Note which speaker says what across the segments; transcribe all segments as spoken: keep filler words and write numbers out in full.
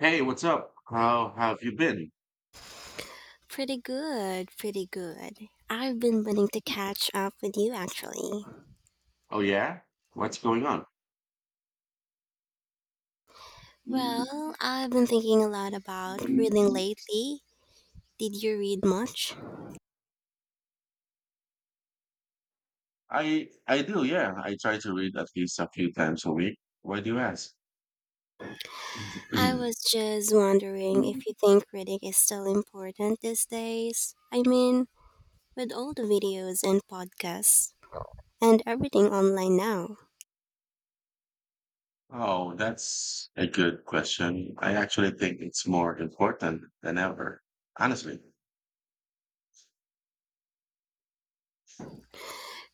Speaker 1: Hey, what's up? How have you been?
Speaker 2: Pretty good, pretty good. I've been wanting to catch up with you actually.
Speaker 1: Oh yeah? What's going on?
Speaker 2: Well, I've been thinking a lot about reading lately. Did you read much?
Speaker 1: I I do, yeah. I try to read at least a few times a week. Why do you ask?
Speaker 2: I was just wondering if you think reading is still important these days. I mean, with all the videos and podcasts and everything online now.
Speaker 1: Oh, that's a good question. I actually think it's more important than ever. Honestly.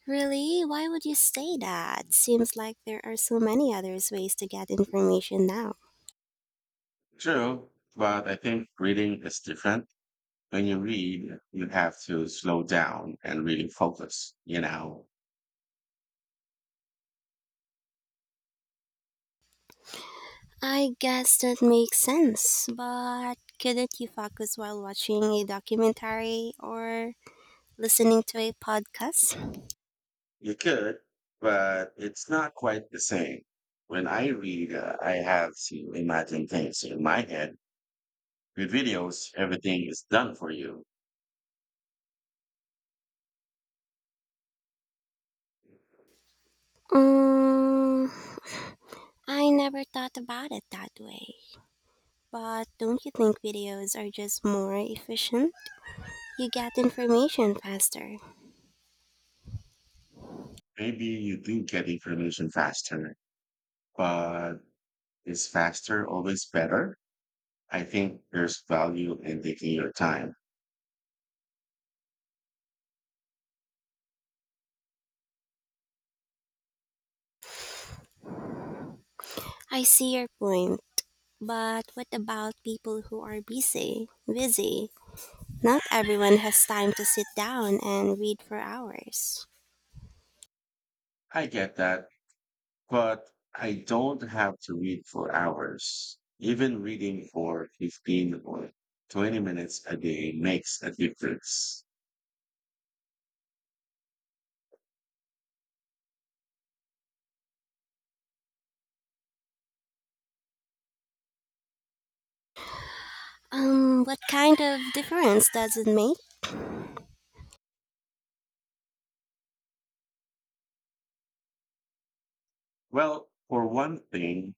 Speaker 2: Really? Why would you say that? Seems like there are so many other ways to get information now.
Speaker 1: True, but I think reading is different. When you read, you have to slow down and really focus, you know.
Speaker 2: I guess that makes sense, but couldn't you focus while watching a documentary or listening to a podcast?
Speaker 1: You could, but it's not quite the same. When I read, uh, I have to imagine things in my head. With videos, everything is done for you.
Speaker 2: Um, I never thought about it that way. But don't you think videos are just more efficient? You get information faster.
Speaker 1: Maybe you do get information faster, but is faster always better? I think there's value in taking your time.
Speaker 2: I see your point. But what about people who are busy? Busy. Not everyone has time to sit down and read for hours.
Speaker 1: I get that, but I don't have to read for hours. Even reading for fifteen or twenty minutes a day makes a difference.
Speaker 2: Um, what kind of difference does it make?
Speaker 1: Well, for one thing,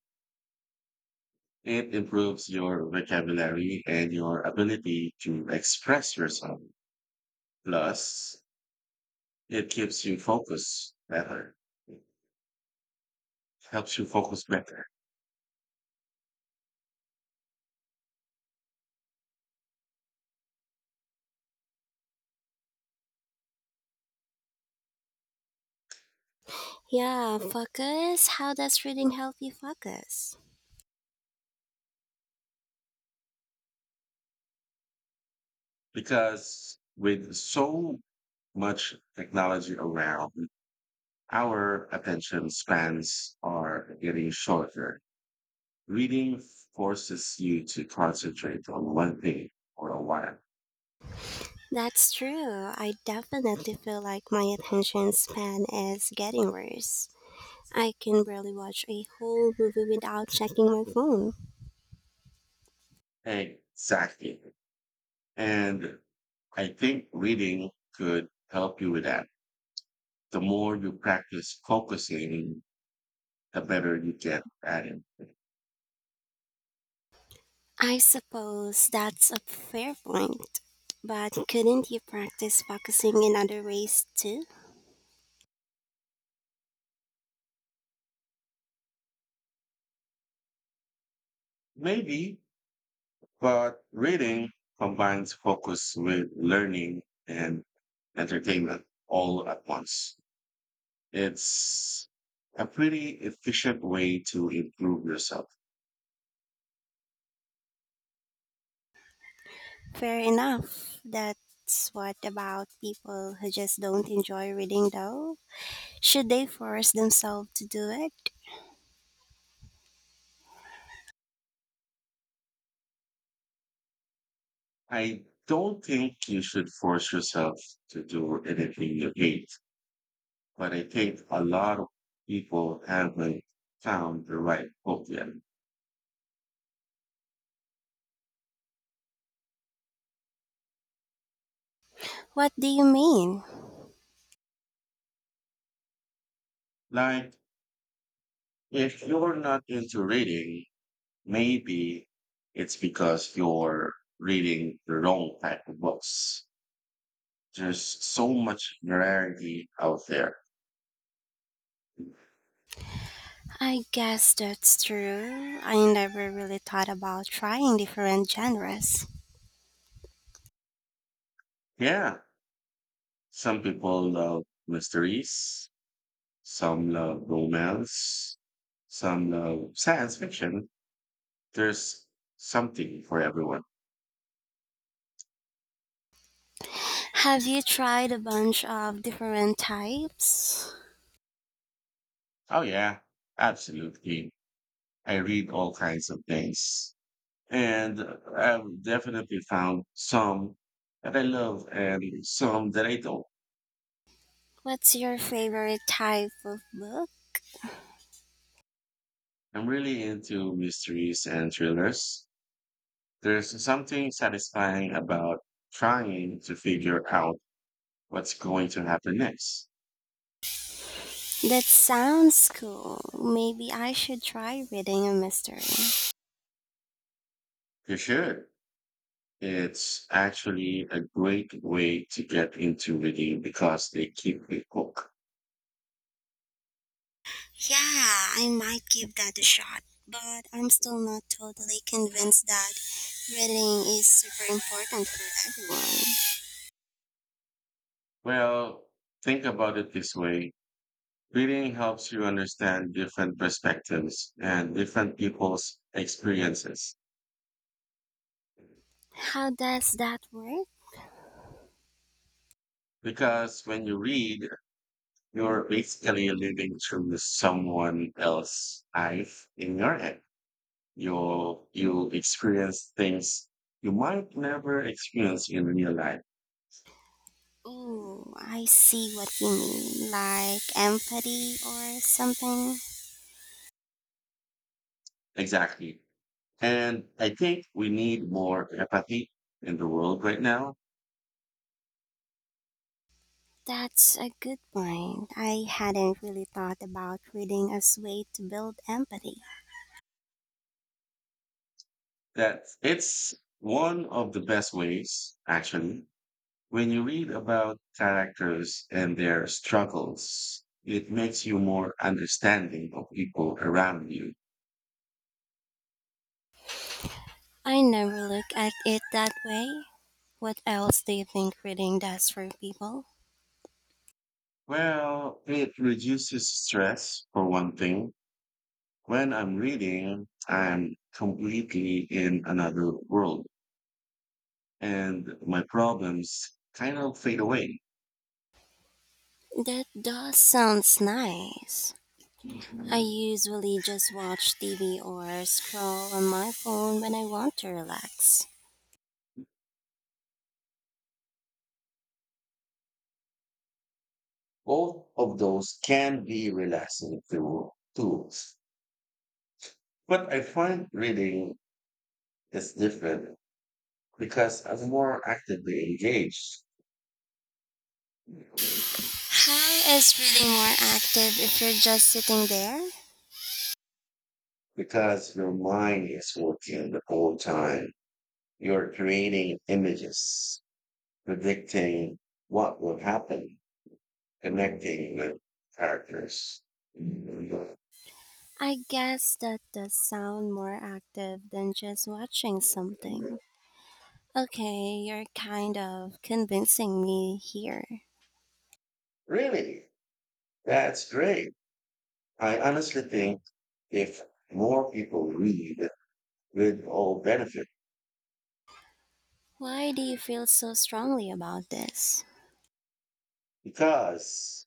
Speaker 1: it improves your vocabulary and your ability to express yourself. Plus, it keeps you focused better. It helps you focus better
Speaker 2: Yeah, focus. How does reading help you focus?
Speaker 1: because with so much technology around, our attention spans are getting shorter. Reading forces you to concentrate on one thing for a while.
Speaker 2: That's true. I definitely feel like my attention span is getting worse. I can barely watch a whole movie without checking my phone.
Speaker 1: Exactly. And I think reading could help you with that. The more you practice focusing, the better you get at it.
Speaker 2: I suppose that's a fair point. But couldn't you practice focusing in other ways too?
Speaker 1: Maybe, but reading combines focus with learning and entertainment all at once. It's a pretty efficient way to improve yourself.
Speaker 2: Fair enough. That's what about people who just don't enjoy reading though? Should they force themselves to do it?
Speaker 1: I don't think you should force yourself to do anything you hate, but I think a lot of people haven't found the right book yet.
Speaker 2: What do you mean?
Speaker 1: Like, if you're not into reading, maybe it's because you're reading the wrong type of books. There's so much variety out there.
Speaker 2: I guess that's true. I never really thought about trying different genres.
Speaker 1: Yeah, some people love mysteries, some love romance, some love science fiction. There's something for everyone.
Speaker 2: Have you tried a bunch of different types?
Speaker 1: Oh, yeah, absolutely. I read all kinds of things. And I've definitely found some that I love and some that I don't.
Speaker 2: What's your favorite type of book?
Speaker 1: I'm really into mysteries and thrillers. There's something satisfying about trying to figure out what's going to happen next.
Speaker 2: That sounds cool. Maybe I should try reading a mystery.
Speaker 1: You should. It's actually a great way to get into reading because they keep it hooked.
Speaker 2: Yeah, I might give that a shot, but I'm still not totally convinced that reading is super important for everyone.
Speaker 1: Well, think about it this way. Reading helps you understand different perspectives and different people's experiences.
Speaker 2: How does that work?
Speaker 1: Because when you read, you're basically living through someone else's life in your head. You'll, you'll experience things you might never experience in real life.
Speaker 2: Oh, I see what you mean, like empathy or something.
Speaker 1: Exactly. And I think we need more empathy in the world right now.
Speaker 2: That's a good point. I hadn't really thought about reading as way to build empathy.
Speaker 1: That it's one of the best ways, actually. When you read about characters and their struggles, it makes you more understanding of people around you.
Speaker 2: I never look at it that way. What else do you think reading does for people?
Speaker 1: Well, it reduces stress for one thing. When I'm reading, I'm completely in another world, and my problems kind of fade away.
Speaker 2: That does sounds nice. I usually just watch T V or scroll on my phone when I want to relax.
Speaker 1: Both of those can be relaxing tool- tools, but I find reading is different because I'm more actively engaged
Speaker 2: High is really more active if you're just sitting there.
Speaker 1: because your mind is working the whole time. You're creating images, predicting what will happen, connecting with characters.
Speaker 2: I guess that does sound more active than just watching something. Okay, you're kind of convincing me here.
Speaker 1: Really, that's great. I honestly think if more people read, we'd all benefit
Speaker 2: Why do you feel so strongly about this?
Speaker 1: because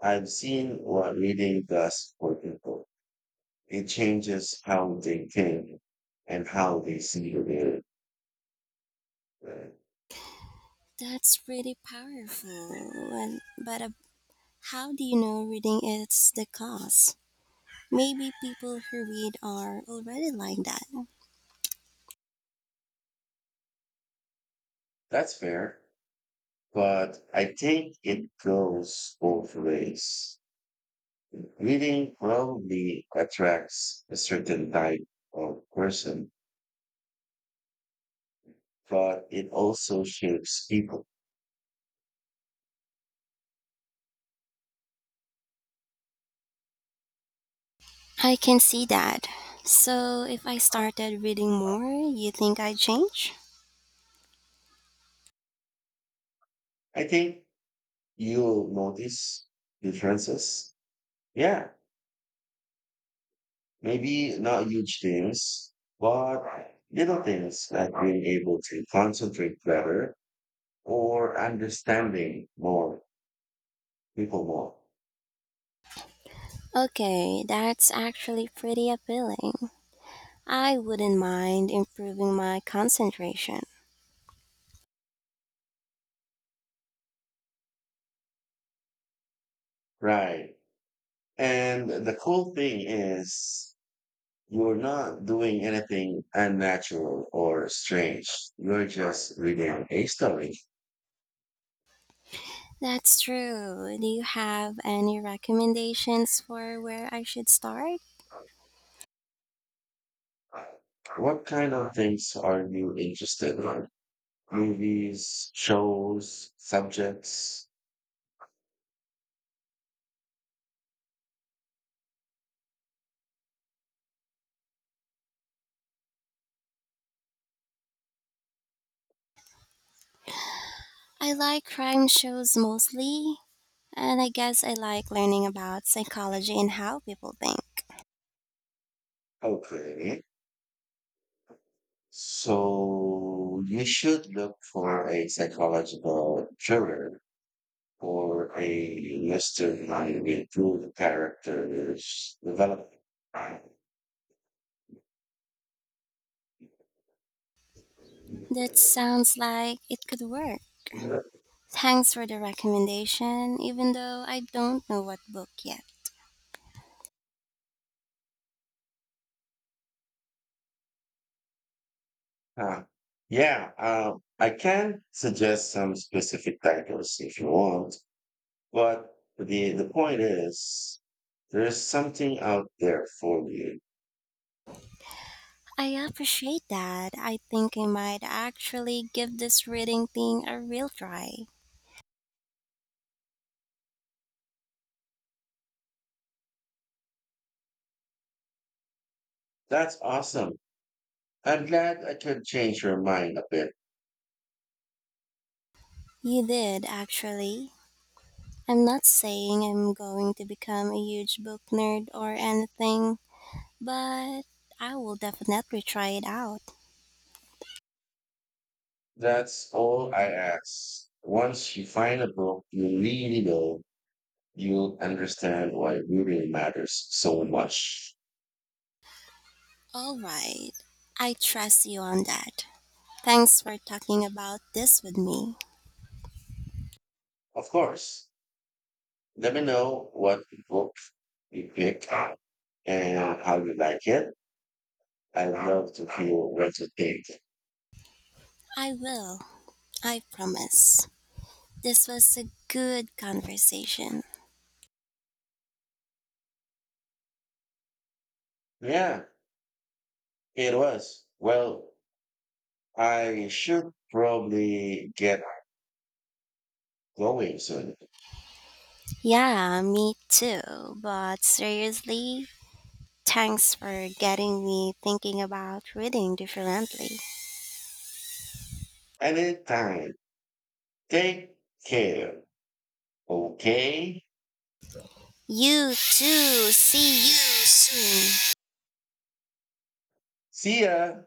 Speaker 1: I've seen what reading does for people. It changes how they think and how they see the world.
Speaker 2: That's really powerful. And, but uh, how do you know reading is the cause? Maybe people who read are already like that.
Speaker 1: That's fair. But I think it goes both ways. Reading probably attracts a certain type of person, but it also shapes people.
Speaker 2: I can see that. So, if I started reading more, you think I'd change?
Speaker 1: I think you'll notice differences. Yeah, maybe not huge things, but little things like being able to concentrate better or understanding more people more.
Speaker 2: Okay, that's actually pretty appealing. I wouldn't mind improving my concentration.
Speaker 1: Right. And the cool thing is you're not doing anything unnatural or strange. You're just reading a story.
Speaker 2: That's true. Do you have any recommendations for where I should start?
Speaker 1: What kind of things are you interested in? Movies, shows, subjects?
Speaker 2: I like crime shows mostly, and I guess I like learning about psychology and how people think.
Speaker 1: Okay. So you should look for a psychological thriller or a mystery with good characters development.
Speaker 2: That sounds like it could work. Thanks for the recommendation, even though I don't know what book yet.
Speaker 1: Uh, yeah, um, I can suggest some specific titles if you want, but the the point is there's something out there for you.
Speaker 2: I appreciate that. I think I might actually give this reading thing a real try.
Speaker 1: That's awesome. I'm glad I could change your mind a bit.
Speaker 2: You did, actually. I'm not saying I'm going to become a huge book nerd or anything, but I will definitely try it out.
Speaker 1: That's all I ask. Once you find a book you really love, you'll understand why reading matters so much.
Speaker 2: All right. I trust you on that. Thanks for talking about this with me.
Speaker 1: Of course, let me know what book you pick and how you like it. I love to hear what you think.
Speaker 2: I will. I promise. This was a good conversation.
Speaker 1: Yeah, it was. Well, I should probably get going soon.
Speaker 2: Yeah, me too. But seriously, thanks for getting me thinking about reading differently.
Speaker 1: Anytime. Take care. Okay?
Speaker 2: You too. See you soon.
Speaker 1: See ya.